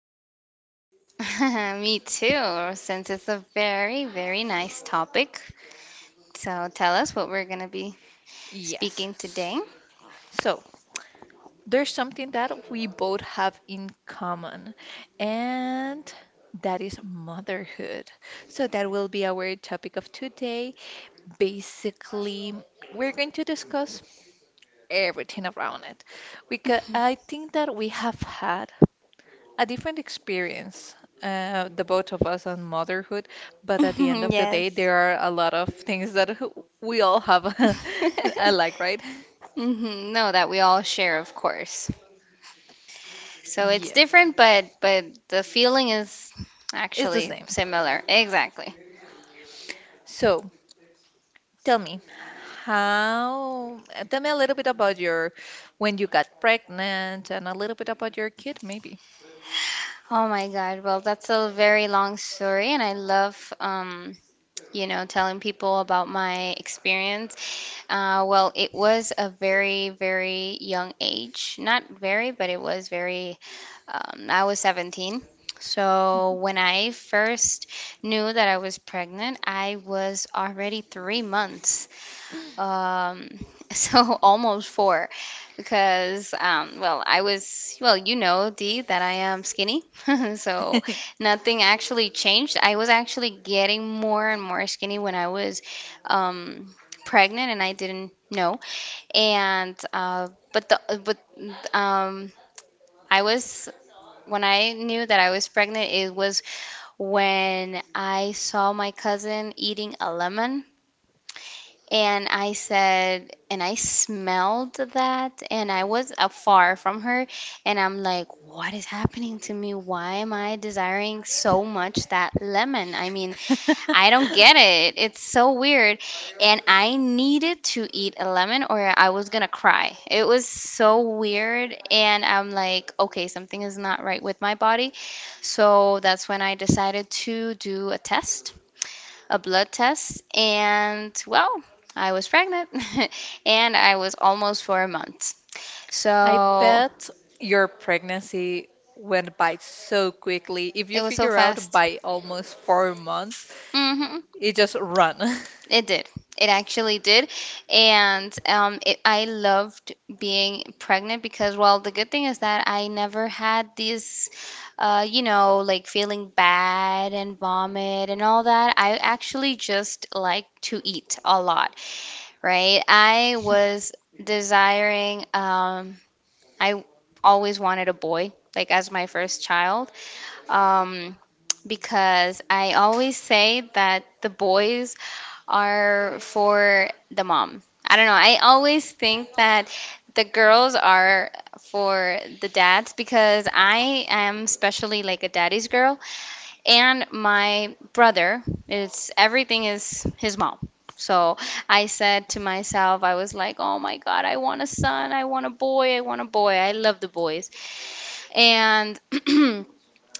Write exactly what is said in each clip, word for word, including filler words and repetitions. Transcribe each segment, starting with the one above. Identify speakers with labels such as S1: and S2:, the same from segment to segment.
S1: about this.
S2: Me too, since it's a very, very nice topic. So tell us what we're going to be
S1: Yes.
S2: speaking today.
S1: S- So there's something that we both have in common, and that is motherhood. So that will be our topic of today. Basically, we're going to discuss everything around it because I think that we have had a different experience, uh, the both of us on motherhood, but at the end of the day,
S2: Yes.
S1: there are a lot of things that we all have alike, right?
S2: Mhm. No, that we all share, of course. So it's
S1: Yeah,
S2: different, but but the feeling is
S1: it's the
S2: actually
S1: same.
S2: similar. Exactly.
S1: So tell me, how, uh, tell me a little bit about your, when you got pregnant and a little bit about your kid, maybe.
S2: Oh my God. Well, that's a very long story, and I love um you know, telling people about my experience. Uh, well, it was a very, very young age. Not very, but it was very, um, I was seventeen. So when I first knew that I was pregnant, I was already three months. Um, so almost four, because um, well, I was well, you know, D, that I am skinny, so nothing actually changed. I was actually getting more and more skinny when I was um, pregnant, and I didn't know. And uh, but the uh, but um, I was when I knew that I was pregnant, it was when I saw my cousin eating a lemon and I said, and I smelled that, and I was afar from her, and I'm like, what is happening to me? Why am I desiring so much that lemon? I mean, I don't get it. It's so weird. And I needed to eat a lemon or I was gonna cry. It was so weird. And I'm like, okay, something is not right with my body. So that's when I decided to do a test, a blood test. And well, I was pregnant and I was almost for a month.
S1: I
S2: So
S1: bet your pregnancy went by so quickly. If you
S2: it was so
S1: figure out
S2: fast.
S1: by almost four months,
S2: Hmm.
S1: it just run.
S2: It did. It actually did. And um, it, I loved being pregnant because, well, the good thing is that I never had these, uh, you know, like feeling bad and vomit and all that. I actually just like to eat a lot, right? I was desiring, um, I always wanted a boy, like as my first child, um, because I always say that the boys are for the mom. I don't know. I always think that the girls are for the dads because I am especially like a daddy's girl, and my brother its everything is his mom. So I said to myself, I was like, oh my God, I want a son, I want a boy, I want a boy. I love the boys. And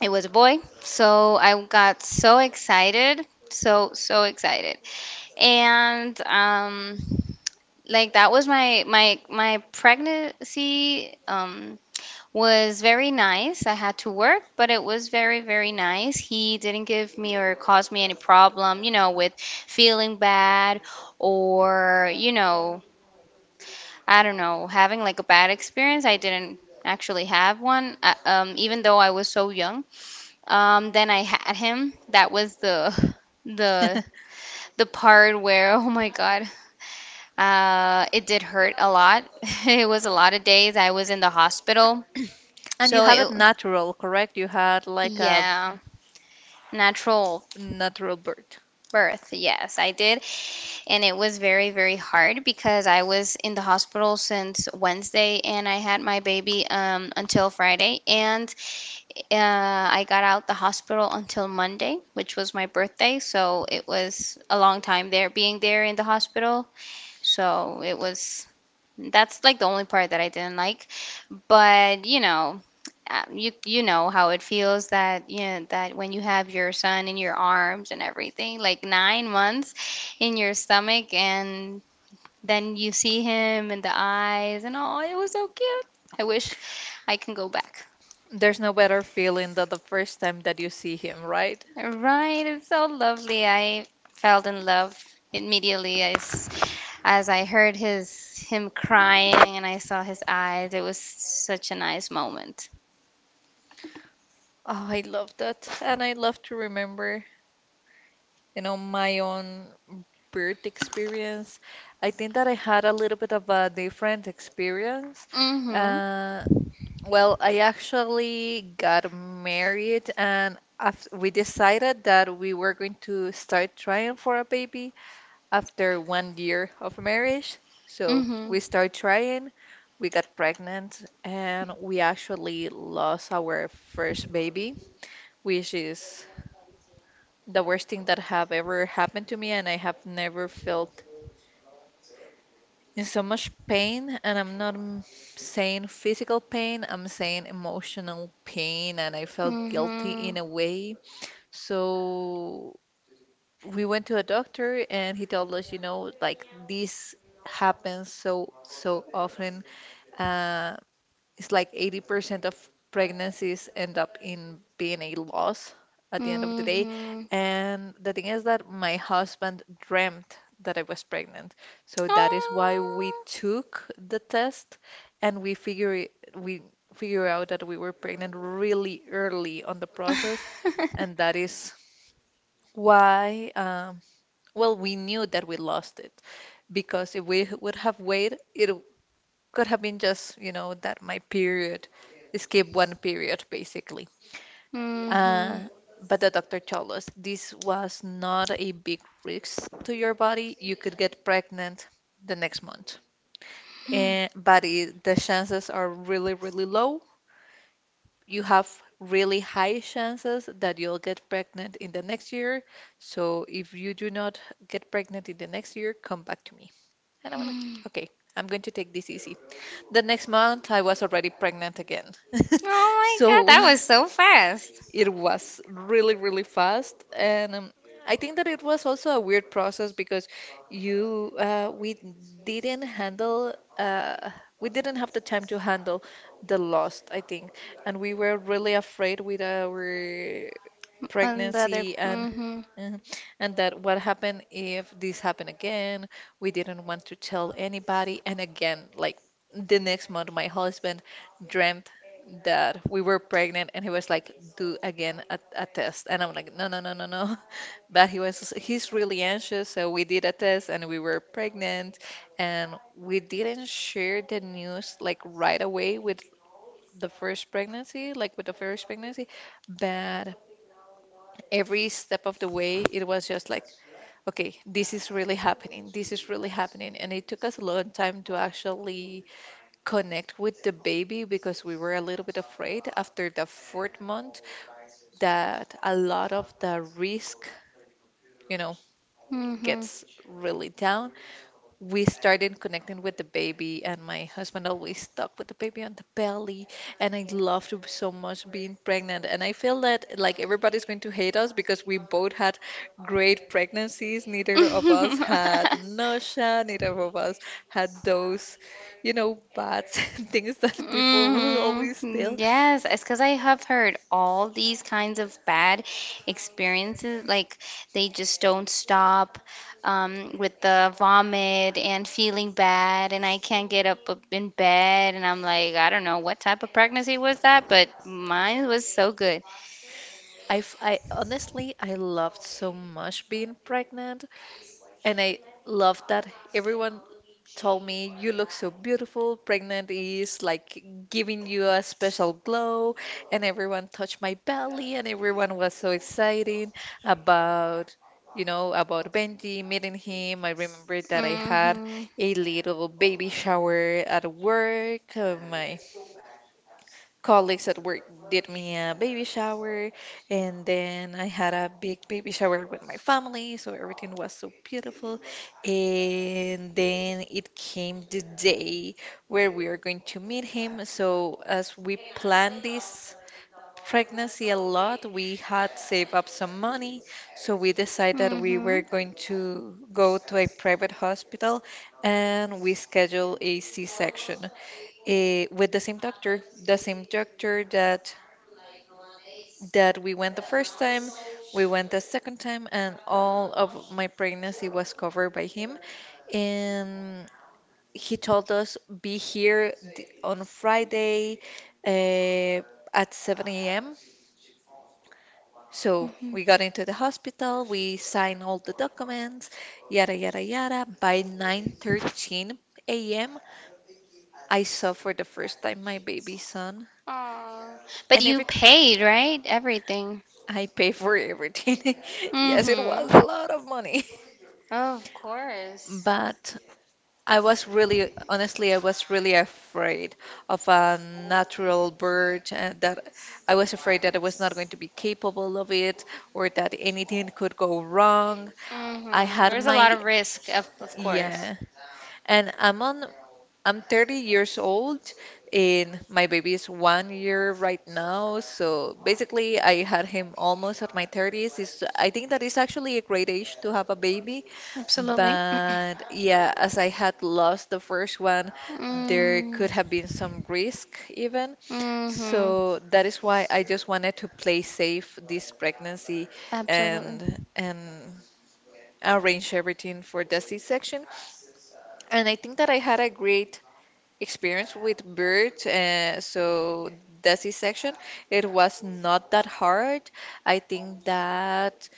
S2: it was a boy. So I got so excited. So, so excited. And um, Like that was my my my pregnancy, um was very nice. I had to work, but it was very, very nice. He didn't give me or cause me any problem, you know, with feeling bad or, you know, I don't know, having like a bad experience. I didn't actually have one, uh, um, even though I was so young. Um, then I had him. That was the the the part where oh my God, uh, it did hurt a lot. It was a lot of days I was in the hospital.
S1: And you
S2: So
S1: have
S2: it
S1: it natural, correct? You had like a
S2: yeah, natural
S1: natural birth.
S2: birth. Yes, I did. And it was very, very hard because I was in the hospital since Wednesday and I had my baby um, until Friday. And Uh, I got out the hospital until Monday, which was my birthday, so it was a long time there being there in the hospital. So it was that's like the only part that I didn't like. But you know, uh, you you know how it feels that you know that when you have your son in your arms and everything, like nine months in your stomach, and then you see him in the eyes and all. It was so cute. I wish I can go back.
S1: There's no better feeling than the first time that you see him, right?
S2: Right, it's so lovely. I fell in love immediately as as I heard his him crying and I saw his eyes. It was such a nice moment.
S1: Oh, I love that. And I love to remember, you know, my own birth experience. I think that I had a little bit of a different experience.
S2: Mm-hmm.
S1: Uh, well, I actually got married and after we decided that we were going to start trying for a baby after one year of marriage. So
S2: Mm-hmm.
S1: we started trying, we got pregnant, and we actually lost our first baby, which is the worst thing that have ever happened to me, and I have never felt in so much pain. And I'm not mm, saying physical pain, I'm saying emotional pain, and I felt guilty
S2: Mm-hmm.
S1: in a way. So we went to a doctor, and he told us, you know, like this happens so so often. Uh, It's like eighty percent of pregnancies end up in being a loss at the end of the day.
S2: Mm-hmm.
S1: And the thing is that my husband dreamt that I was pregnant. So that is why we
S2: Oh.
S1: took the test and we figure it, we figure out that we were pregnant really early on the process. And that is why, um, well, we knew that we lost it because if we would have waited, it could have been just, you know, that my period, skip one period basically.
S2: Mm-hmm.
S1: Uh, but the doctor told us this was not a big risk to your body. You could get pregnant the next month. And, but it, the chances are really, really low. You have really high chances that you'll get pregnant in the next year. So if you do not get pregnant in the next year, come back to me. And I'm like, okay, I'm going to take this easy. The next month, I was already pregnant again.
S2: Oh my God,
S1: So
S2: that was so fast.
S1: it was really, really fast. And um, I think that it was also a weird process because you, uh, we didn't handle, uh, we didn't have the time to handle the loss, I think. And we were really afraid with our
S2: On the other.
S1: pregnancy and
S2: Mm-hmm.
S1: mhm. And that what happened if this happened again? We didn't want to tell anybody. And again, like the next month, my husband dreamt that we were pregnant and he was like do again a, a test and I'm like no, no, no, no, no. But he was he's really anxious, so we did a test and we were pregnant, and we didn't share the news like right away with the first pregnancy like with the first pregnancy. But every step of the way it was just like okay, this is really happening this is really happening, and it took us a long time to actually connect with the baby because we were a little bit afraid after the fourth month that a lot of the risk, you know, gets really down. We started connecting with the baby, and my husband always stuck with the baby on the belly. And I loved so much being pregnant. And I feel that like everybody's going to hate us because we both had great pregnancies. Neither of us
S2: Mm-hmm.
S1: had nausea, neither of us had those, you know, bad things that people will always
S2: Mm-hmm.
S1: tell.
S2: Yes, it's because I have heard all these kinds of bad experiences. Like they just don't stop um, with the vomit and feeling bad, and I can't get up up in bed. And I'm like, I don't know what type of pregnancy was that, but mine was so good.
S1: I, f- I honestly, I loved so much being pregnant. And I love that everyone told me, you look so beautiful. Pregnant is like giving you a special glow. And everyone touched my belly, and everyone was so excited about. You know, about Benji, meeting him. I remember that I had
S2: Mm-hmm.
S1: a little baby shower at work. Uh, my colleagues at work did me a baby shower, and then I had a big baby shower with my family, so everything was so beautiful. And then it came the day where we are going to meet him. So as we planned this pregnancy a lot, we had saved up some money, so we decided that we
S2: Mm-hmm.
S1: were going to go to a private hospital and we scheduled a C-section eh, with the same doctor, the same doctor that that we went the first time, we went the second time, and all of my pregnancy was covered by him. And he told us be here d- on Friday uh, at seven a m. So
S2: Mm-hmm.
S1: we got into the hospital, we signed all the documents, yada yada yada. By nine thirteen a m, I saw for the first time my baby son.
S2: Aw. But
S1: And
S2: you
S1: everything,
S2: paid, right? Everything.
S1: I pay for everything. Yes, it was a
S2: Mm-hmm.
S1: lot of money.
S2: Of course.
S1: But I was really, honestly, I was really afraid of a natural bird and that I was afraid that I was not going to be capable of it or that anything could go wrong. I
S2: Hmm.
S1: had
S2: There's a lot
S1: my,
S2: of risk, of, of course.
S1: yeah. And I'm on I'm thirty years old and my baby is one year right now. So basically, I had him almost at my thirties. Is I think that is actually a great age to have a baby.
S2: Absolutely.
S1: But yeah, as I had lost the first one, there could
S2: Mm,
S1: have been some risk even.
S2: hmm.
S1: So that is why I just wanted to play safe this pregnancy
S2: Absolutely.
S1: and and arrange everything for the C-section. And I think that I had a great experience with birds, uh, so that section, it was not that hard. I think that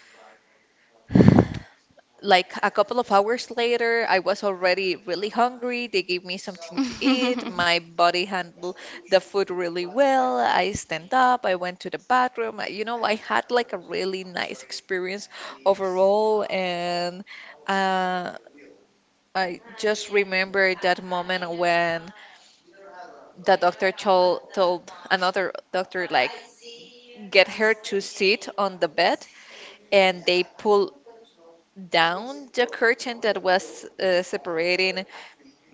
S1: like a couple of hours later, I was already really hungry. They gave me something to eat.
S2: Hmm.
S1: My body handled the food really well. I stand up, I went to the bathroom. I- You know, I had like a really nice experience overall, and uh, I just remember that moment when the doctor told told another doctor like get her to sit on the bed and they pulled down the curtain that was uh, separating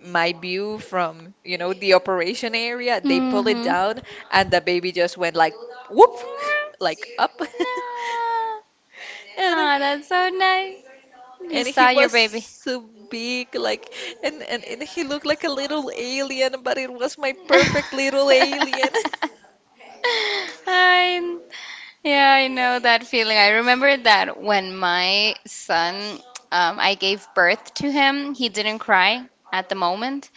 S1: my view from, you know, the operation area. They pulled it
S2: No.
S1: down and the baby just went like whoop like up and
S2: Aw, that's so nice. You
S1: and he
S2: saw your
S1: was
S2: baby.
S1: so big like and, and and he looked like a little alien, but it was my perfect little alien.
S2: I, yeah, I know that feeling. I remember that when my son, um, I gave birth to him, he didn't cry at the moment,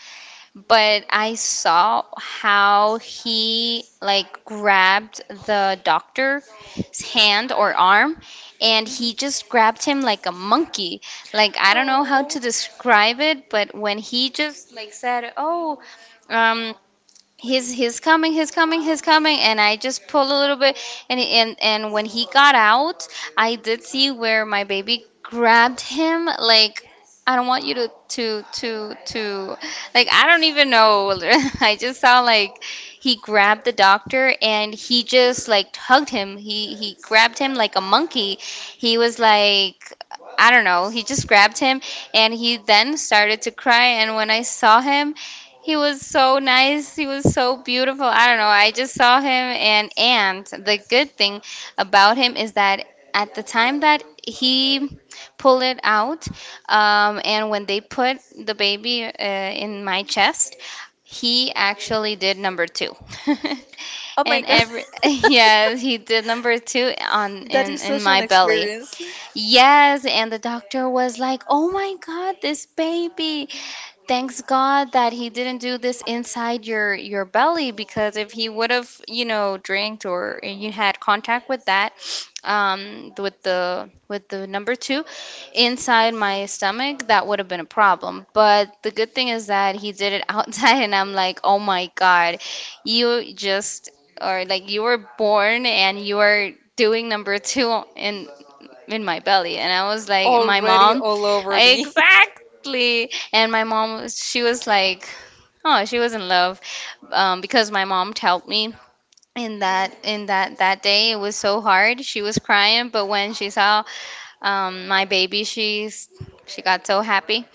S2: but I saw how he like grabbed the doctor's hand or arm and he just grabbed him like a monkey. Like I don't know how to describe it, but when he just like said, "Oh, um he's he's coming he's coming he's coming and I just pulled a little bit, and and and when he got out, I did see where my baby grabbed him like, I don't want you to to to to like I don't even know. I just saw like he grabbed the doctor and he just like hugged him. He he grabbed him like a monkey. He was like, I don't know, he just grabbed him, and he then started to cry. And when I saw him, he was so nice. He was so beautiful. I don't know. I just saw him, and and the good thing about him is that at the time that he pulled it out, um, and when they put the baby uh, in my chest, he actually did number two.
S1: Oh my
S2: And
S1: god.
S2: every yes, he did number two on
S1: That is
S2: in in
S1: such an
S2: my belly.
S1: experience.
S2: Yes, and the doctor was like, "Oh my God, this baby. Thanks God that he didn't do this inside your your belly, because if he would have, you know, drank or you had contact with that, um, with the with the number two inside my stomach, that would have been a problem. But the good thing is that he did it outside, and I'm like, "Oh my God, you just or like you were born and you are doing number two in in my belly." And I was like, my
S1: Already
S2: mom,
S1: all over me.
S2: exactly. And my mom, was- she was like, oh, she was in love, um, because my mom told me in that in that that day it was so hard. She was crying, but when she saw, um, my baby, she's she got so happy.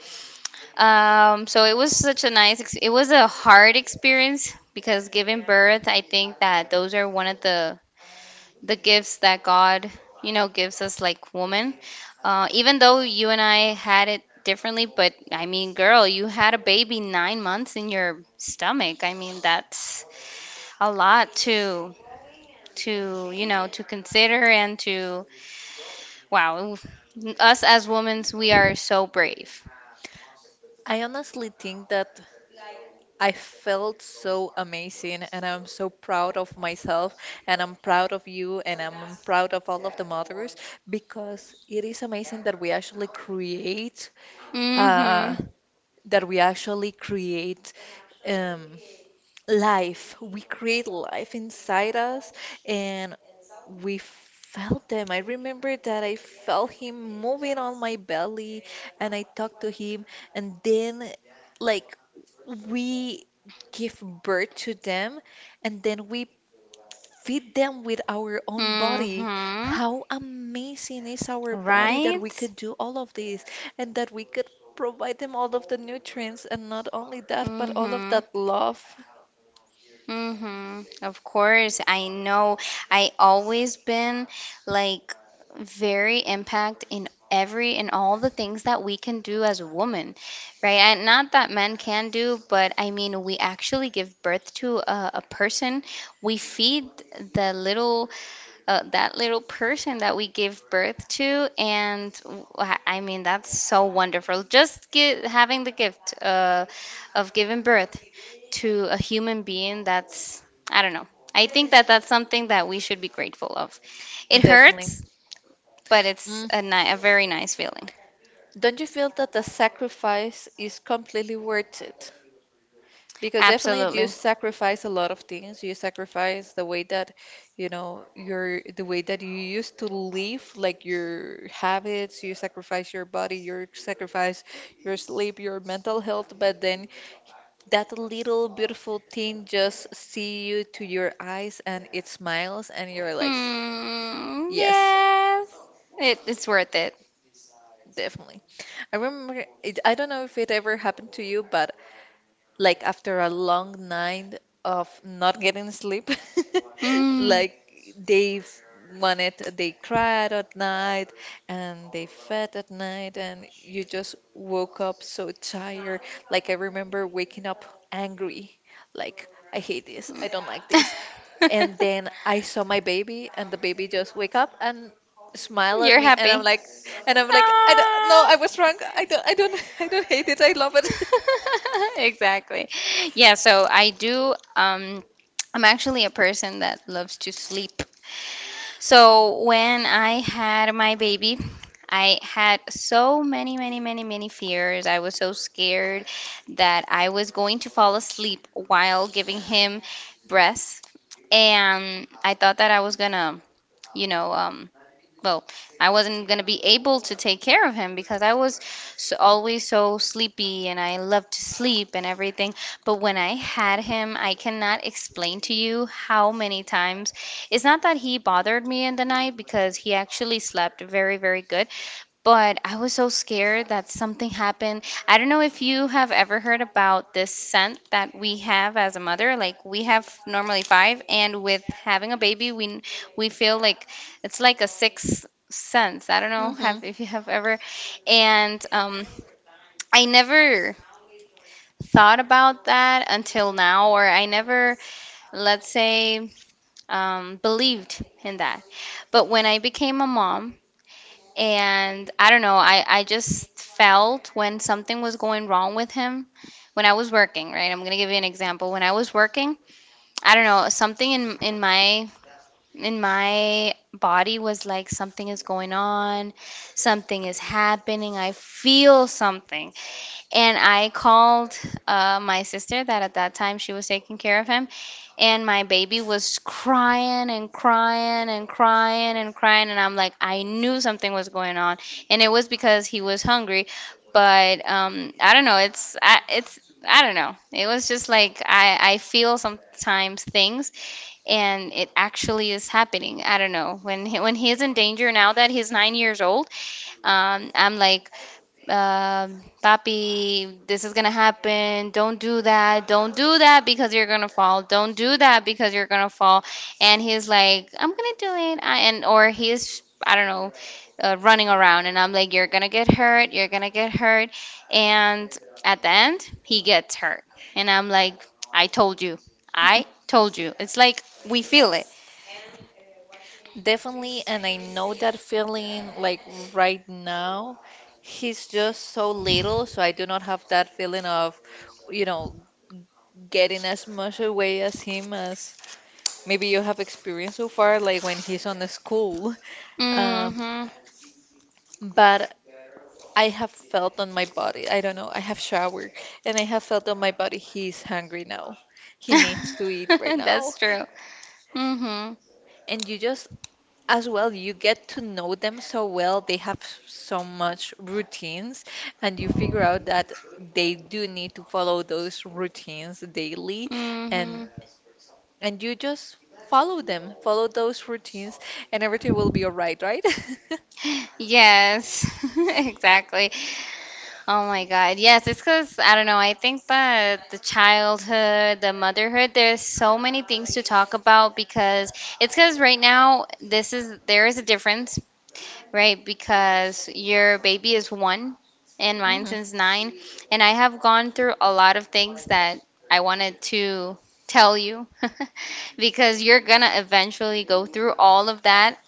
S2: Um, so it was such a nice. Ex- it was a hard experience because giving birth, I think that those are one of the the gifts that God, you know, gives us like woman. Uh, even though you and I had it differently, but I mean, girl, you had a baby nine months in your stomach. I mean, that's a lot to to you know to consider and to wow, us as women we are so brave.
S1: I honestly think that I felt so amazing and I'm so proud of myself and I'm proud of you and I'm proud of all of the mothers because it is amazing that we actually create
S2: Mm-hmm.
S1: uh that we actually create um life. We create life inside us and we felt them. I remember that I felt him moving on my belly and I talked to him and then like we give birth to them and then we feed them with our own body.
S2: Mm-hmm.
S1: How amazing is our body that we
S2: Right.
S1: could do all of this and that we could provide them all of the nutrients and not only that, but all of
S2: Mm-hmm.
S1: that love.
S2: Mm-hmm. Of course, I know. I always been like very impact in every and all the things that we can do as a woman, right? And not that men can do, but I mean, we actually give birth to a, a person. We feed the little, uh, that little person that we give birth to, and w- I I mean that's so wonderful just gi- having the gift, uh, of giving birth to a human being. That's, I don't know, I think that that's something that we should be grateful of. It
S1: Definitely.
S2: hurts, but it's
S1: Mm,
S2: a, ni- a very nice feeling.
S1: don't you feel that the sacrifice is completely worth it? Because definitely you
S2: Absolutely.
S1: sacrifice a lot of things. You sacrifice the way that, you know, your the way that you used to live, like your habits, you sacrifice your body, you sacrifice your sleep, your mental health, but then that little beautiful thing just see you to your eyes and it smiles and you're like,
S2: Mm,
S1: yes,
S2: yes, it, it's worth it.
S1: definitely. I remember it, I don't know if it ever happened to you, but like after a long night of not getting sleep,
S2: Mm.
S1: like they f- wanted, they cried at night and they fed at night, and you just woke up so tired. Like I remember waking up angry, like I hate this, I don't like this. And then I saw my baby, and the baby just wake up and smile at
S2: You're
S1: me, and I'm
S2: happy.
S1: like, and I'm like, I don't, no,
S2: Ah.
S1: I was wrong. I don't, I don't, I don't hate it. I love it.
S2: Exactly. Yeah, so I do, um I'm actually a person that loves to sleep. So when I had my baby, I had so many, many, many, many fears. I was so scared that I was going to fall asleep while giving him breath. And I thought that I was gonna, you know, um, well, I wasn't gonna be able to take care of him because I was so, always so sleepy, and I loved to sleep and everything. But when I had him, I cannot explain to you how many times. It's not that he bothered me in the night because he actually slept very, very good. But I was so scared that something happened. I don't know if you have ever heard about this scent that we have as a mother. Like we have normally five, and with having a baby, we we feel like it's like a sixth sense. I don't know
S1: Hmm.
S2: have if you have ever, and um, I never thought about that until now, or I never, let's say, um, believed in that. But when I became a mom, and I don't know, I, I just felt when something was going wrong with him when I was working, right? I'm gonna give you an example. When I was working, I don't know, something in in my in my body was like something is going on, something is happening. I feel something. And I called uh, my sister that at that time she was taking care of him, and my baby was crying and crying and crying and crying, and I'm like, I knew something was going on, and it was because he was hungry, but um, I don't know, it's I, it's I don't know, it was just like I I feel sometimes things, and it actually is happening. I don't know when he, when he's in danger now that he's nine years old, um, I'm like um, Papi, this is gonna happen. Don't do that. Don't do that because you're gonna fall. Don't do that because you're gonna fall. And he's like, I'm gonna do it. I, and or he's, I don't know, uh, running around. And I'm like, you're gonna get hurt. You're gonna get hurt. And at the end, he gets hurt. And I'm like, I told you. I told you. It's like we feel it.
S1: Definitely, and I know that feeling like right now. He's just so little, so I do not have that feeling of, you know, getting as much away as him as maybe you have experienced so far, like when he's on the school. Um,
S2: Mm-hmm.
S1: but I have felt on my body, I don't know, I have showered and I have felt on my body he's hungry now. He needs to eat right now.
S2: That's true. Mm-hmm.
S1: And you just as well you get to know them so well they have so much routines, and you figure out that they do need to follow those routines daily,
S2: Mm-hmm.
S1: and and you just follow them follow those routines, and everything will be all right, right?
S2: Yes, exactly. Oh my God. Yes, it's because I don't know. I think that the childhood, the motherhood, there's so many things to talk about because it's because right now, this is there is a difference, right? Because your baby is one and mine
S1: Hmm.
S2: since nine. And I have gone through a lot of things that I wanted to tell you because you're gonna eventually go through all of that.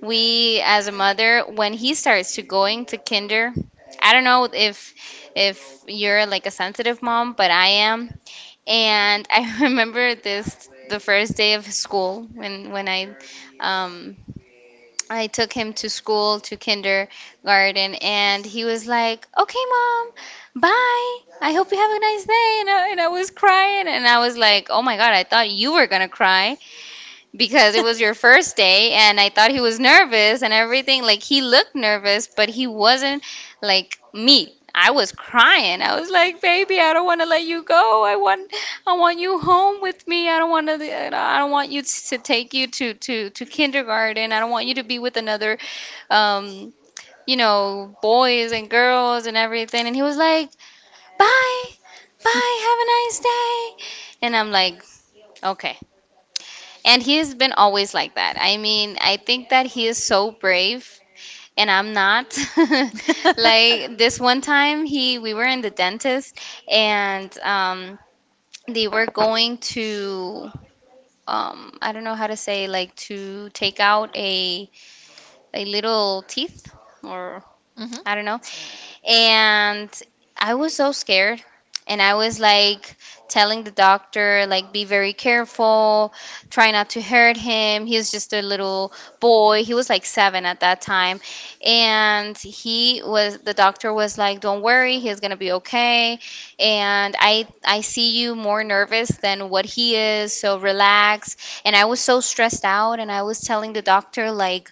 S2: We as a mother, when he starts to going to kinder, I don't know if if you're like a sensitive mom, but I am. And I remember this the first day of school, when when i um I took him to school, to kindergarten, and he was like, okay, mom, bye, I hope you have a nice day. And I, and I was crying, and I was like, oh my God, I thought you were gonna cry because it was your first day, and I thought he was nervous and everything. Like he looked nervous, but he wasn't like me. I was crying. I was like, "Baby, I don't want to let you go. I want I want you home with me. I don't want to I don't want you to take you to to to kindergarten. I don't want you to be with another um, you know, boys and girls and everything." And he was like, "Bye. Bye. Have a nice day." And I'm like, "Okay." And he has been always like that. I mean, I think that he is so brave and I'm not. Like this one time he we were in the dentist and um they were going to um I don't know how to say, like, to take out a a little teeth or
S1: Hmm.
S2: I don't know. And I was so scared. And I was like telling the doctor, like, be very careful, try not to hurt him. He's just a little boy. He was like seven at that time. And he was, the doctor was like, don't worry, he's gonna be okay. And I, I see you more nervous than what he is, so relax. And I was so stressed out, and I was telling the doctor, like,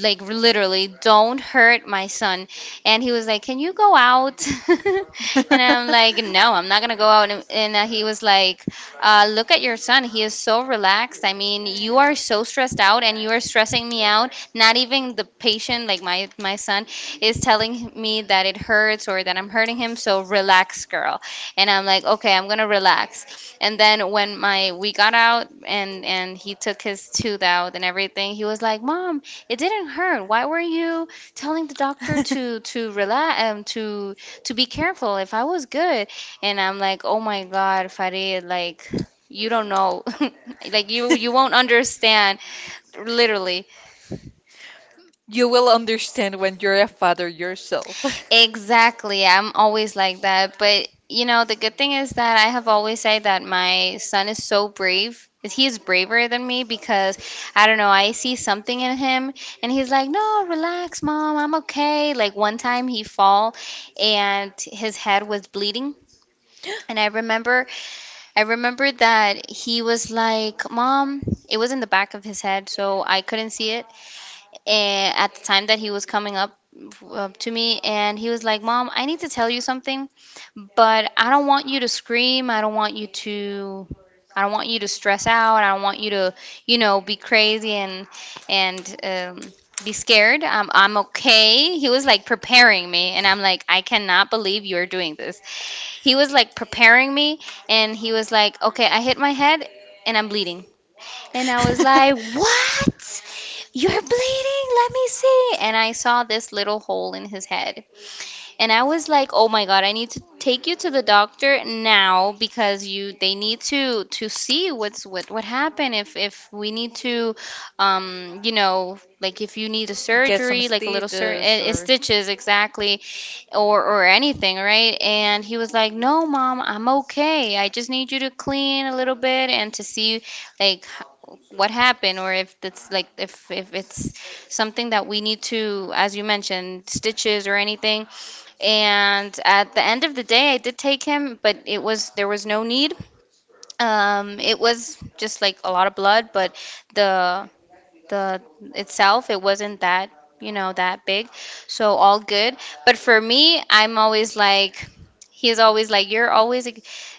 S2: like literally don't hurt my son. And he was like, "Can you go out?" And I'm like, "No, I'm not gonna go out." And, and uh, He was like, uh, "Look at your son. He is so relaxed. I mean, you are so stressed out, and you are stressing me out. Not even the patient, like my my son, is telling me that it hurts or that I'm hurting him. So relax, girl." And I'm like, "Okay, I'm gonna relax." And then when my we got out and and he took his tooth out and everything, he was like, "Mom, it didn't hurt. Why were you telling the doctor to to relax, um to to be careful? If I was good?" And I'm like, oh my God, Farid, like, you don't know, like, you you won't understand, literally.
S1: You will understand when you're a father yourself.
S2: Exactly. I'm always like that. But, you know, the good thing is that I have always said that my son is so brave. He is braver than me because I don't know, I see something in him and he's like, "No, relax, mom. I'm okay." Like one time he fall and his head was bleeding. And I remember I remember that he was like, "Mom," it was in the back of his head, so I couldn't see it. Eh, at the time that he was coming up up to me, and he was like, "Mom, I need to tell you something, but I don't want you to scream. I don't want you to I don't want you to stress out. I don't want you to, you know, be crazy and and um be scared. I'm I'm okay." He was like preparing me, and I'm like, "I cannot believe you're doing this." He was like preparing me, and he was like, "Okay, I hit my head and I'm bleeding." And I was like, what? You're bleeding? Let me see. And I saw this little hole in his head, and I was like, "Oh my God, I need to take you to the doctor now, because you they need to to see what's what what happened, if if we need to um you know, like, if you need a
S1: Get some
S2: surgery, like a little sur
S1: stitches
S2: eh, eh,
S1: or.
S2: stitches, exactly, or or anything, right?" And he was like, "No, mom, I'm okay. I just need you to clean a little bit and to see, like, h- what happened, or if that's like, if if it's something that we need to, as you mentioned, stitches or anything." And at the end of the day, I did take him, but it was there was no need. Um, it was just like a lot of blood, but the the itself it wasn't that, you know, that big. So all good. But for me, I'm always like, he's always like, you're always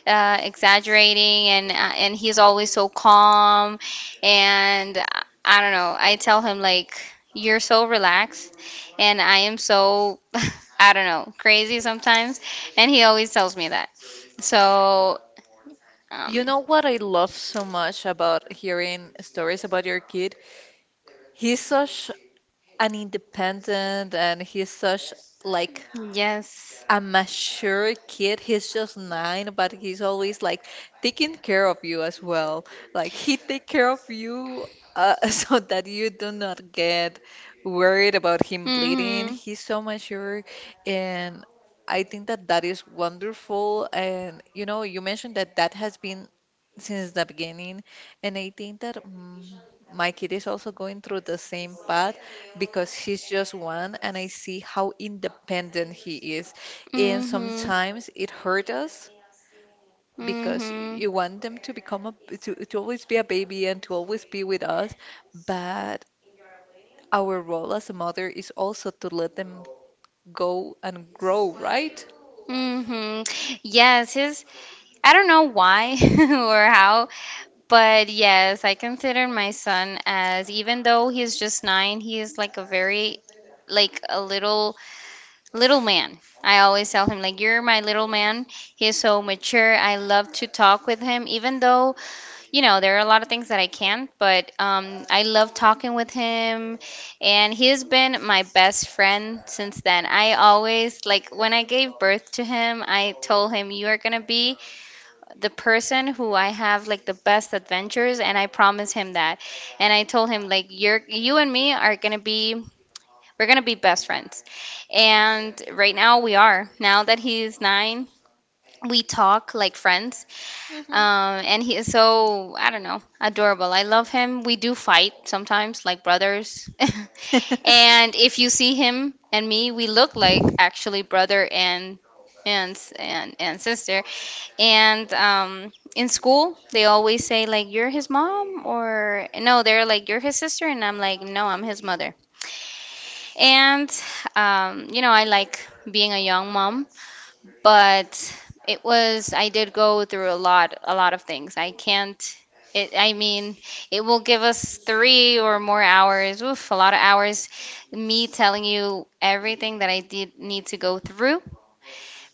S2: uh, exaggerating, and uh, and he's always so calm. And i I don't know, I tell him, like, you're so relaxed and I am so I don't know, crazy sometimes, and he always tells me that. So
S1: You
S2: um
S1: know what I love so much about hearing stories about your kid? He's such an independent, and he's such, like,
S2: yes.
S1: a mature kid. He's just nine, but he's always like taking care of you as well. Like he take care of you uh, so that you do not get worried about him bleeding.
S2: Mhm.
S1: He's so mature, and I think that that is wonderful. And you know, you mentioned that that has been since the beginning, and I think that. Mm my kid is also going through the same path because he's just one, and I see how independent he is, and
S2: Mhm.
S1: sometimes it hurt us because
S2: Mhm.
S1: you want them to become a to, to always be a baby and to always be with us, but our role as a mother is also to let them go and grow, right?
S2: Hmm. Yes, his, I don't know why, or how, but yes, I consider my son as, even though he's just nine, he is like a very, like a little, little man. I always tell him, like, you're my little man. He is so mature. I love to talk with him, even though, you know, there are a lot of things that I can't, but um, I love talking with him, and he has been my best friend since then. I always, like, when I gave birth to him, I told him, you are gonna be the person who I have, like, the best adventures, and I promised him that. And I told him, like, you're, you and me are gonna be. We're gonna be best friends. And right now we are. Now that he's nine, we talk like friends, um, and he is so, I don't know, adorable. I love him. We do fight sometimes, like brothers. And if you see him and me, we look like actually brother and and s- and, and sister. And um, in school, they always say like, you're his mom, or no, they're like, you're his sister, and I'm like, no, I'm his mother. And um, you know, I like being a young mom, but it was I did go through a lot a lot of things. I can't it, I mean, it will give us three or more hours, oof, a lot of hours, me telling you everything that I did need to go through,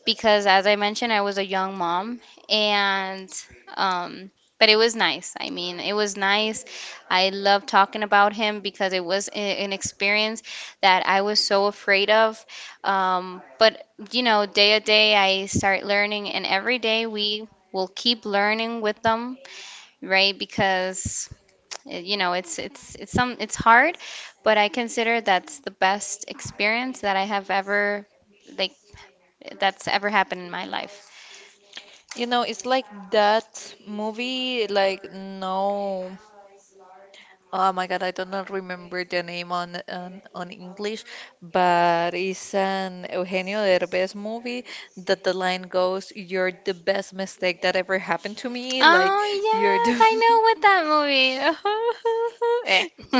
S2: because as I mentioned, I was a young mom. And um but it was nice. I mean, it was nice. I love talking about him because it was a- an experience that I was so afraid of. Um, but you know, day a day I start learning, and every day we will keep learning with them, right? Because eh, you know, it's it's it's some it's hard, but I consider that's the best experience that I have ever, like, that's ever happened in my life.
S1: You know, it's like that movie, like, no. Oh my God, I do not remember the name on on, on English, but it's an Eugenio Derbez movie that the line goes, "You're the best mistake that ever happened to me." Like
S2: Oh,
S1: you're
S2: yes,
S1: the
S2: I know what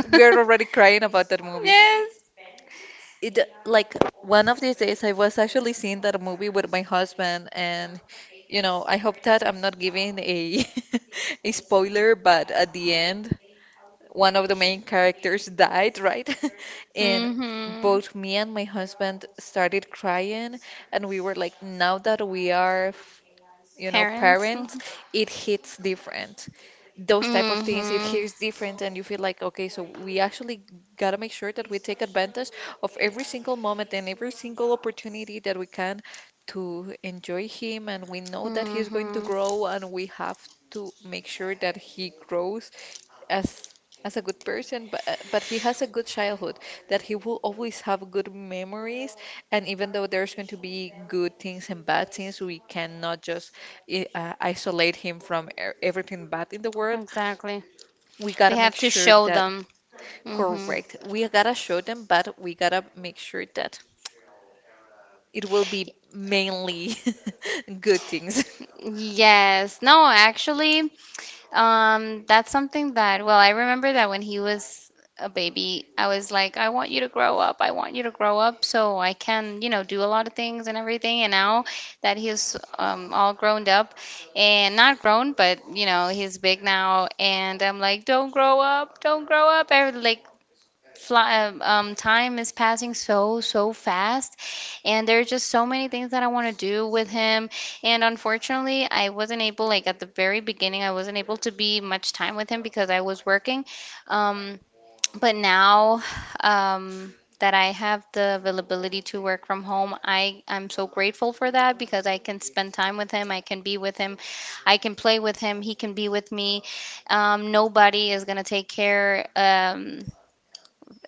S2: that
S1: we're
S2: movie.
S1: already
S2: Eh.
S1: crying about that movie.
S2: Yes.
S1: It like One of these days I was actually seeing that movie with my husband, and you know, I hope that I'm not giving a a spoiler, but at the end, one of the main characters died, right? And
S2: Mm-hmm.
S1: both me and my husband started crying, and we were like, now that we are, f- you know,
S2: Parents.
S1: parents, it hits different. Those type of things, it
S2: Mm-hmm.
S1: hits different, and you feel like, okay, so we actually gotta make sure that we take advantage of every single moment and every single opportunity that we can to enjoy him, and we know that he's going to
S2: Mm-hmm.
S1: grow, and we have to make sure that he grows as as a good person, but uh, but he has a good childhood that he will always have good memories. And even though there's going to be good things and bad things, we cannot just i- uh, isolate him from e- everything bad in the world.
S2: Exactly.
S1: We
S2: We
S1: gotta make
S2: have to
S1: sure
S2: show
S1: that.
S2: them. Mm-hmm.
S1: Correct, we gotta show them, but we gotta make sure that it will be mainly good things.
S2: Yes. No, actually, Um, that's something that, well, I remember that when he was a baby, I was like, I want you to grow up. I want you to grow up so I can, you know, do a lot of things and everything. And now that he's um, all grown up, and not grown, but, you know, he's big now. And I'm like, don't grow up, don't grow up. I would, like fly, um, um, time is passing so, so fast, and there are just so many things that I want to do with him. And unfortunately, I wasn't able, like at the very beginning, I wasn't able to be much time with him because I was working. Um, but now, um, that I have the availability to work from home, I I'm so grateful for that because I can spend time with him, I can be with him, I can play with him, he can be with me, um, nobody is going to take care, um,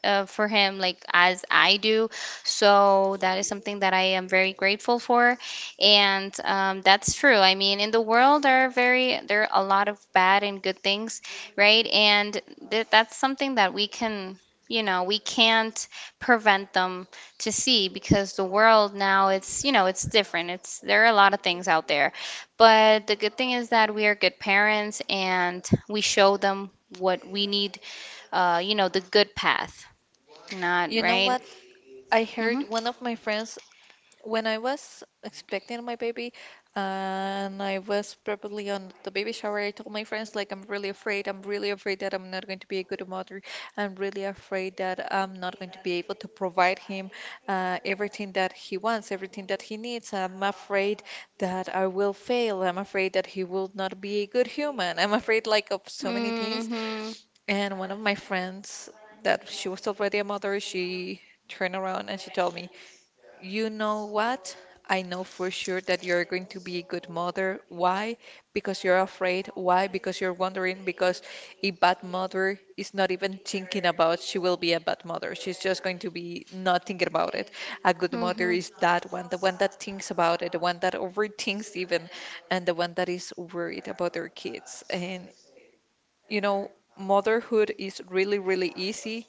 S2: uh, for him like as I do. So that is something that I am very grateful for, and um, that's true. I mean, in the world there are very there are a lot of bad and good things, right? And th- that's something that we can. You know, we can't prevent them to see because the world now, it's, you know, it's different. It's There are a lot of things out there. But the good thing is that we are good parents and we show them what we need, uh, you know, the good path, not
S1: You know
S2: right.
S1: what? I heard
S2: Mhm.
S1: one of my friends when I was expecting my baby, and I was probably on the baby shower, I told my friends, like, I'm really afraid. I'm really afraid that I'm not going to be a good mother. I'm really afraid that I'm not going to be able to provide him uh, everything that he wants, everything that he needs. I'm afraid that I will fail. I'm afraid that he will not be a good human. I'm afraid, like, of so many things.
S2: Mhm.
S1: And one of my friends, that she was already a mother, she turned around and she told me, you know what? I know for sure that you're going to be a good mother. Why? Because you're afraid. Why? Because you're wondering. Because a bad mother is not even thinking about she will be a bad mother. She's just going to be not thinking about it. A good mother
S2: Mhm.
S1: is that one, the one that thinks about it, the one that overthinks even, and the one that is worried about their kids. And you know, motherhood is really, really easy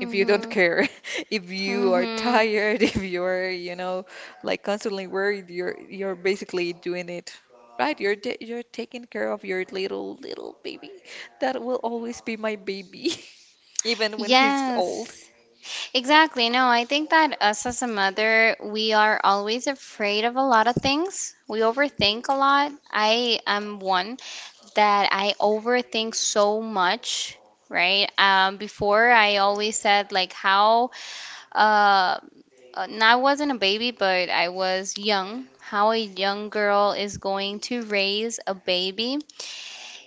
S1: if you don't care, if you are
S2: Mhm.
S1: tired, if you're, you know, like, constantly worried, you're you're basically doing it right. You're ta- you're taking care of your little little baby. That will always be my baby, even when he's
S2: Yes.
S1: old.
S2: Exactly. No, I think that us as a mother, we are always afraid of a lot of things. We overthink a lot. I am one that I overthink so much, right? Um, before I always said like how uh uh, now I wasn't a baby, but I was young. How a young girl is going to raise a baby,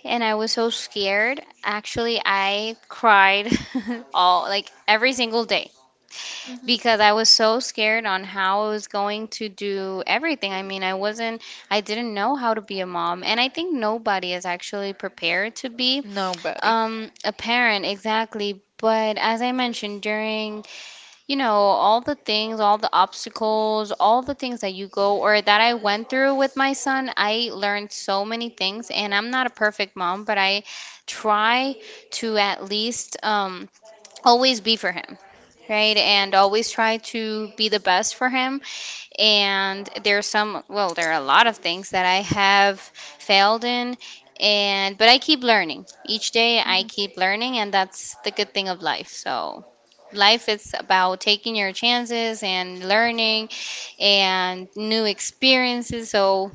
S2: and I was so scared. Actually, I cried all like every single day
S1: Hmm.
S2: because I was so scared on how I was going to do everything. I mean, I wasn't, I didn't know how to be a mom, and I think nobody is actually prepared to be
S1: Nobody.
S2: um, a parent exactly. But as I mentioned during, you know, all the things, all the obstacles, all the things that you go or that I went through with my son, I learned so many things. And I'm not a perfect mom, but I try to at least, um, always be for him. Right, and always try to be the best for him. And there's some, well, there are a lot of things that I have failed in, and but I keep learning each day. I
S1: Hmm.
S2: keep learning, and that's the good thing of life. So life is about taking your chances and learning and new experiences. So,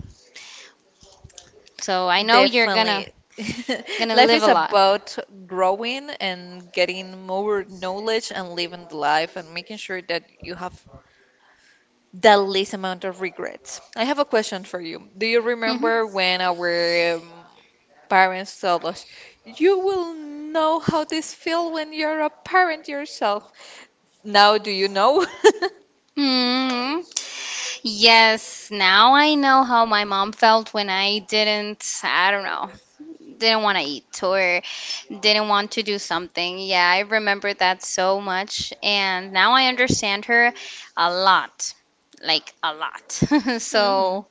S2: so I know you're gonna
S1: Definitely.
S2: gonna
S1: Life
S2: live a
S1: is
S2: lot.
S1: about growing and getting more knowledge and living the life and making sure that you have the least amount of regrets. I have a question for you. Do you
S2: Hmm.
S1: remember when our um, parents told us, you will know how this feels when you're a parent yourself? Now, do you know?
S2: Hmm. Yes, now I know how my mom felt when I didn't, I don't know, didn't want to eat or didn't want to do something. Yeah, I remember that so much, and now I understand her a lot, like a lot.
S1: Hmm.
S2: So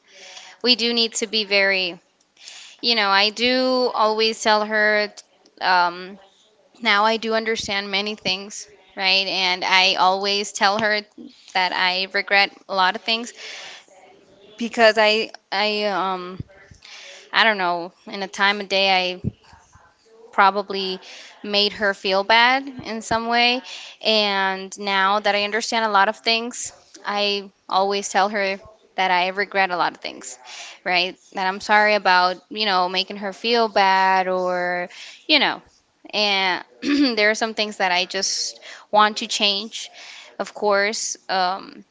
S2: we do need to be very. You know, I do always tell her, um, now I do understand many things, right? And I always tell her that I regret a lot of things because I, I, um, I don't know, in a time of day probably made her feel bad in some way. And now that I understand a lot of things, I always tell her that I regret a lot of things, right? That I'm sorry about, you know, making her feel bad or, you know, and there are some things that I just want to change, of course, um,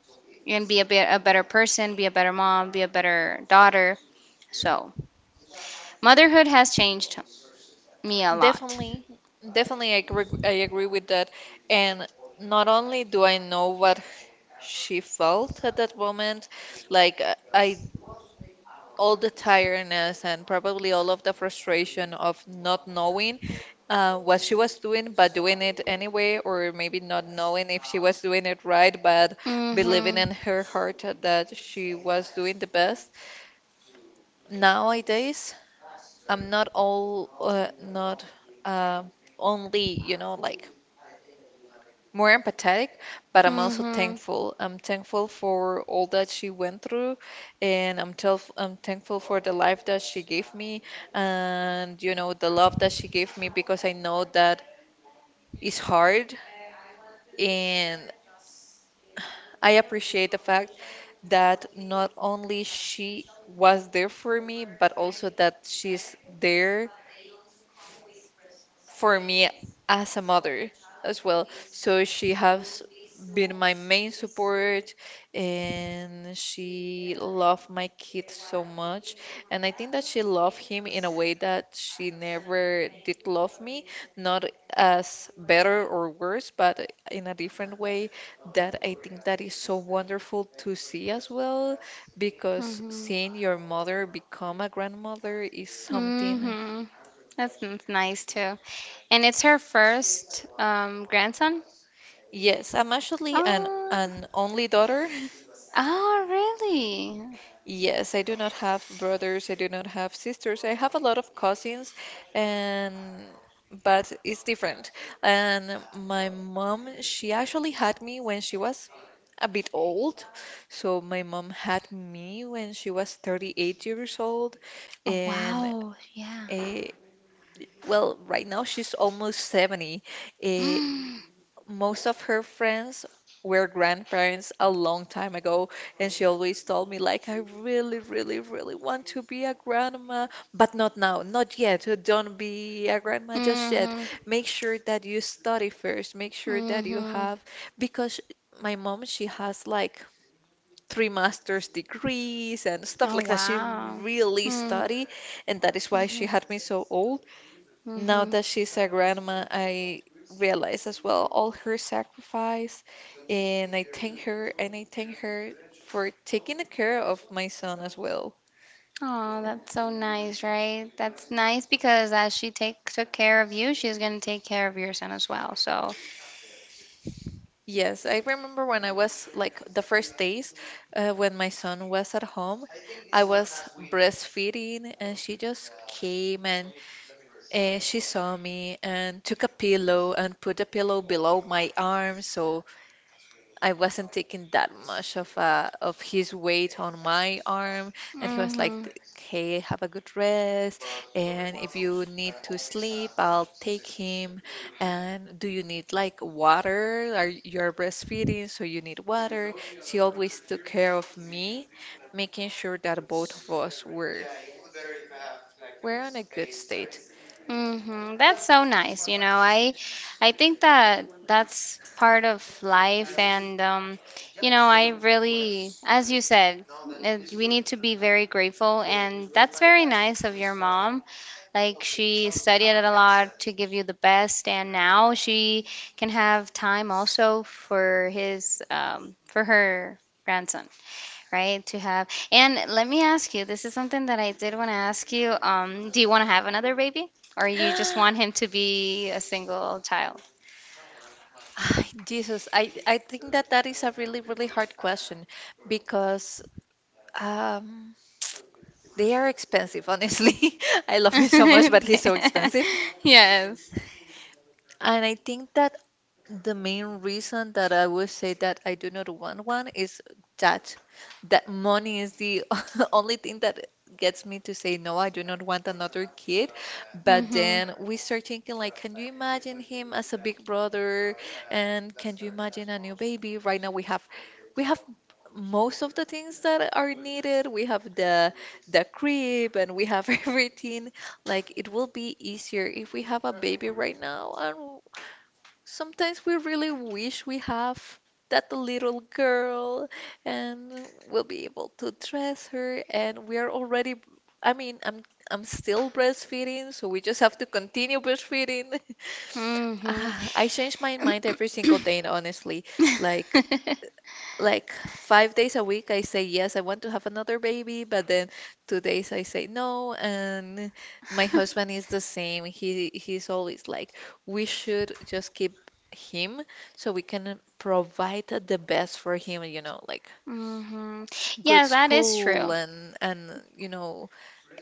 S2: and be a bit a better person, be a better mom, be a better daughter. So, motherhood has changed me a lot.
S1: Definitely, definitely, I agree, I agree with that. And not only do I know what she felt at that moment, like, uh, I all the tiredness and probably all of the frustration of not knowing uh, what she was doing, but doing it anyway, or maybe not knowing if she was doing it right, but believing
S2: Mhm.
S1: in her heart that she was doing the best. Nowadays, I'm not all, uh, not, uh, only, you know like, more empathetic, but I'm also
S2: Mm-hmm.
S1: thankful. I'm thankful for all that she went through, and I'm telf I'm thankful for the life that she gave me, and you know the love that she gave me because I know that it's hard, and I appreciate the fact that not only she was there for me, but also that she's there for me as a mother as well. So she has been my main support, and she loved my kid so much. And I think that she loved him in a way that she never did love me, not as better or worse, but in a different way that I think that is so wonderful to see as well because
S2: Mm-hmm.
S1: seeing your mother become a grandmother is something.
S2: Mm-hmm. That's n- nice too. And it's her first um grandson?
S1: Yes, I'm actually an
S2: Oh,
S1: an only daughter.
S2: oh really?
S1: Yes, I do not have brothers, I do not have sisters. I have a lot of cousins, and but it's different. And my mom, she actually had me when she was a bit old. So my mom had me when she was thirty-eight years old,
S2: Oh
S1: and
S2: wow, yeah.
S1: uh, well, right now she's almost seventy. Uh, Most of her friends were grandparents a long time ago, and she always told me, like, I really, really, really want to be a grandma, but not now, not yet. Uh, Don't be a grandma just yet.
S2: Mm-hmm.
S1: Make sure that you study first. Make sure that you
S2: Mm-hmm.
S1: have, because my mom, she has like three master's degrees and stuff
S2: Oh
S1: like that. She
S2: wow.
S1: really
S2: Mm-hmm.
S1: study, and that is why she had
S2: Mm-hmm.
S1: me so old. Now
S2: Mm-hmm.
S1: that she's a grandma, I realize as well all her sacrifice, and I thank her, and I thank her for taking the care of my son as well.
S2: Oh, that's so nice, right? That's nice because as she take took care of you, she's gonna take care of your son as well. So,
S1: Yes, I remember when I was like the first days, uh, when my son was at home, I was breastfeeding, and she just came, and uh, she saw me and took a pillow and put a pillow below my arm so I wasn't taking that much of uh of his weight on my arm, and he was like,
S2: mm-hmm.
S1: "T- "Hey, have a good rest, and if you need to sleep, I'll take him. And do you need like water? Are you're breastfeeding, so you need water?" She always took care of me, making sure that both of us were were on a good state.
S2: Hmm. That's so nice. You know, I I think that that's part of life and, um, you know, I really, as you said, it, we need to be very grateful and that's very nice of your mom. Like she studied a lot to give you the best and now she can have time also for his, um, for her grandson. Right, to have. And let me ask you, this is something that I did want to ask you. Um, do you want to have another baby, or you just want him to be a single child?
S1: Ay, Jesus, I I think that that is a really really hard question because. Um, They are expensive, honestly. I love him so much, but he's so expensive.
S2: Yes.
S1: And I think that the main reason that I would say that I do not want one is that that money is the only thing that gets me to say no, I do not want another kid. But
S2: Mm-hmm.
S1: then we start thinking like, can you imagine him as a big brother? And can you imagine a new baby? Right now we have we have most of the things that are needed. We have the the crib, and we have everything. Like, it will be easier if we have a baby right now, and sometimes we really wish we have that little girl, and we'll be able to dress her, and we are already, I mean, I'm I'm still breastfeeding, so we just have to continue breastfeeding.
S2: Mm-hmm.
S1: Ah, I change my mind every single day, honestly. Like
S2: Mm-hmm.
S1: like five days a week I say yes, I want to have another baby, but then two days I say no, and my husband is the same. He he's always like, we should just keep him so we can provide the best for him, you know, like
S2: Mhm.
S1: good
S2: Yeah, that is
S1: school
S2: true.
S1: and and you know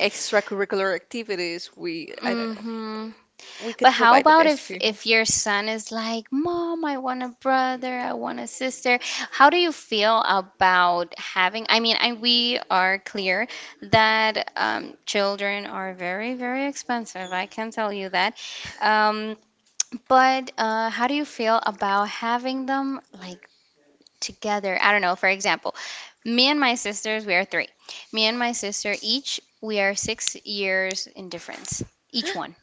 S1: extracurricular activities. We I don't know.
S2: Mm-hmm.
S1: We could
S2: But how
S1: provide the
S2: about
S1: best for
S2: if
S1: him.
S2: if your son is like, "Mom, I want a brother, I want a sister." How do you feel about having, I mean, and we are clear that um, children are very, very expensive. I can tell you that. Um, but uh, how do you feel about having them like together? I don't know, for example, me and my sisters, we are three. Me and my sister each, we are six years in difference, each one.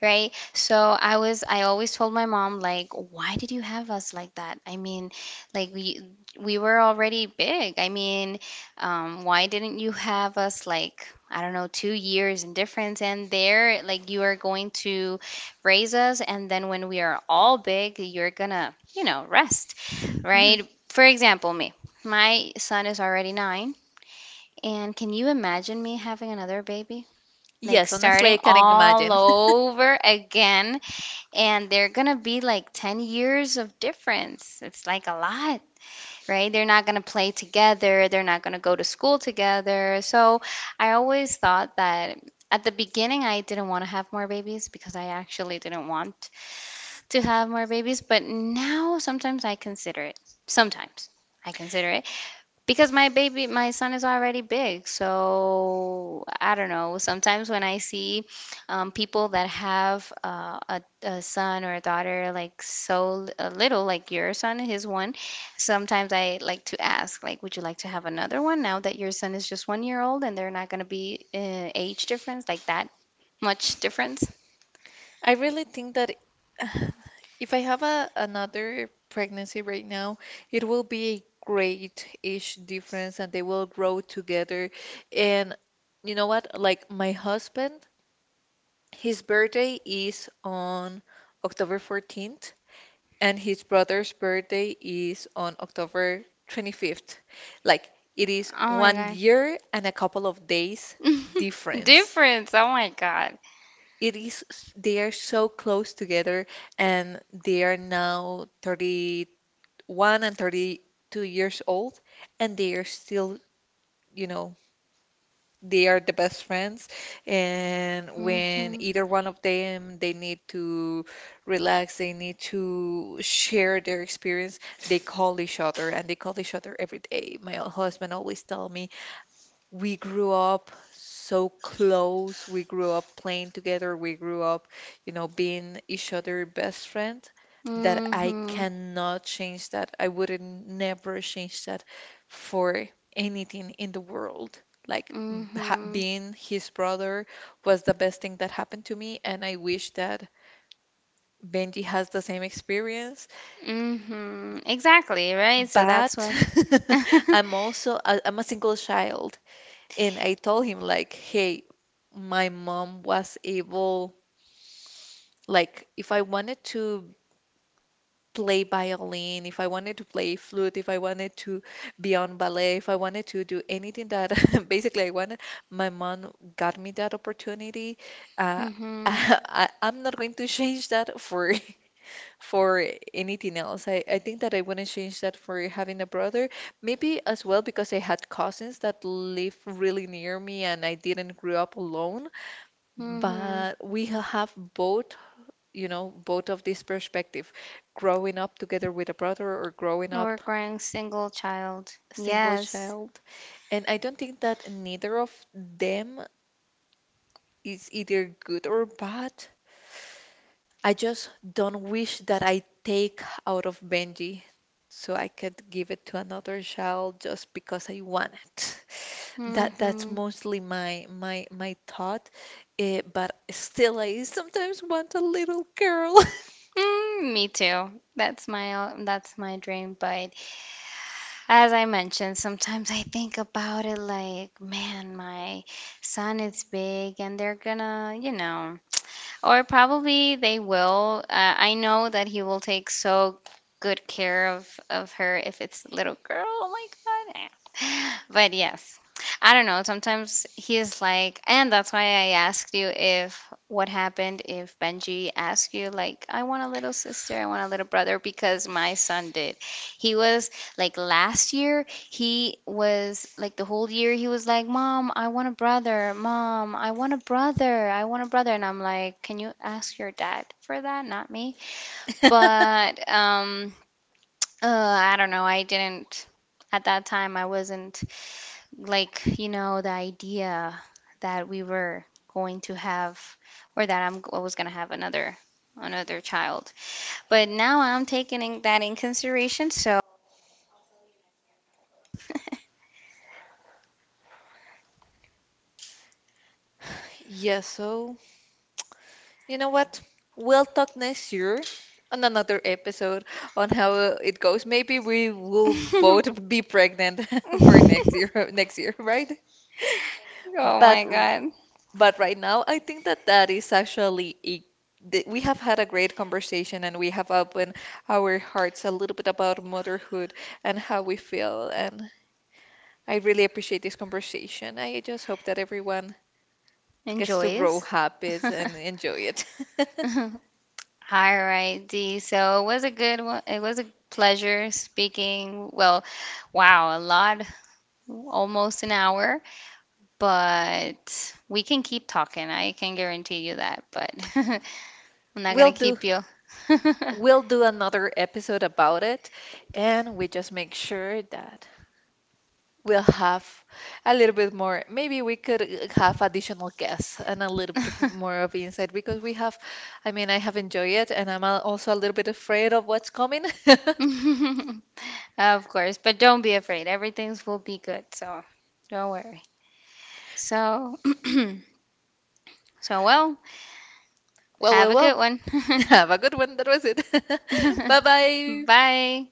S2: Right. So I was, I always told my mom, like, why did you have us like that? I mean, like we we were already big. I mean, um, why didn't you have us like, I don't know, two years in difference and there, like you are going to raise us and then when we are all big, you're gonna, you know, rest,
S1: Mhm.
S2: right? For example, me. My son is already nine, and can you imagine me having another baby? Like
S1: Yes, honestly,
S2: starting
S1: I can
S2: all
S1: imagine.
S2: over again and they're gonna be like ten years of difference. It's like a lot, right? They're not gonna play together, they're not gonna go to school together. So I always thought that at the beginning I didn't want to have more babies because I actually didn't want to have more babies, but now sometimes I consider it. Sometimes I consider it. Because my baby, my son is already big, so I don't know. Sometimes when I see, um, people that have, uh, a, a son or a daughter like so l- uh, little, like your son, his one, sometimes I like to ask, like, would you like to have another one now that your son is just one year old and they're not going to be uh, age difference, like that much difference?
S1: I really think that if I have a, another pregnancy right now, it will be a great age difference and they will grow together. And you know what? Like my husband, his birthday is on October fourteenth, and his brother's birthday is on October twenty-fifth. Like it is
S2: Oh
S1: one
S2: my
S1: year and a couple of days
S2: God.
S1: difference.
S2: Difference. Oh my God.
S1: It is s- they are so close together, and they are now thirty-one and thirty-two years old, and they are still, you know, they are the best friends. And when
S2: Hmm.
S1: either one of them, they need to relax, they need to share their experience, they call each other, and they call each other every day. My husband always tell me, we grew up so close. We grew up playing together. We grew up, you know, being each other best friend, that I
S2: Hmm.
S1: cannot change that. I wouldn't never change that for anything in the world. Like ha
S2: Hmm.
S1: being his brother was the best thing that happened to me, and I wish that Benji has the same experience.
S2: Mhm. Exactly, right? So that's
S1: But
S2: what.
S1: I'm also I I'm a single child. And I told him like, hey, my mom was able, like, if I wanted to play violin, if I wanted to play flute, if I wanted to be on ballet, if I wanted to do anything that basically I wanted, my mom got me that opportunity. Uh,
S2: Mhm.
S1: I, I'm not going to change that for for anything else. I, I think that I wouldn't change that for having a brother. Maybe as well because I had cousins that live really near me and I didn't grow up alone.
S2: Mhm.
S1: But we ha- have both, you know, both of this perspective, growing up together with a brother or growing
S2: Or
S1: up
S2: growing single child.
S1: single
S2: Yes.
S1: child. And I don't think that neither of them is either good or bad. I just don't wish that I take out of Benji so I could give it to another child just because I want it. That that's
S2: Mhm.
S1: mostly my my my thought. Eh, but still, I sometimes want a little girl.
S2: Mm, me too. That's my that's my dream, but as I mentioned, sometimes I think about it like, man, my son is big and they're gonna, you know, or probably they will. Uh, I know that he will take so good care of of her if it's a little girl. Oh my God. Eh. But yes, I don't know. Sometimes he is like, and that's why I asked you if what happened if Benji asked you like, I want a little sister, I want a little brother because my son did. He was like last year, he was like the whole year he was like, "Mom, I want a brother. Mom, I want a brother. I want a brother." And I'm like, "Can you ask your dad for that, not me?" But um uh, I don't know. I didn't at that time I wasn't like, you know, the idea that we were going to have or that I'm I was going to have another another child. But now I'm taking in- that in consideration, so
S1: Yeah, so you know what? We'll talk next year on another episode on how it goes. Maybe we will both be pregnant for next year, next year, right?
S2: oh
S1: But
S2: my
S1: r-
S2: God.
S1: but right now, I think that that is actually a th- we have had a great conversation and we have opened our hearts a little bit about motherhood and how we feel. And I really appreciate this conversation. I just hope that everyone gets to grow
S2: Enjoys.
S1: habits and enjoy it.
S2: All right, Dee. So it was a good one. It was a pleasure speaking. Well, wow, a lot, almost an hour, but we can keep talking. I can guarantee you that, but I'm not
S1: We'll
S2: gonna
S1: do
S2: keep you.
S1: we'll do another episode about it, and we just make sure that we'll have a little bit more. Maybe we could uh, have additional guests and a little bit of more of insight because we have, I mean, I have enjoyed it, and I'm al- also a little bit afraid of what's coming.
S2: Of course, but don't be afraid. Everything will be good, so don't worry. So, so well,
S1: Well,
S2: have
S1: well,
S2: a good
S1: well.
S2: one.
S1: Have a good one. That was it. Bye bye.
S2: Bye.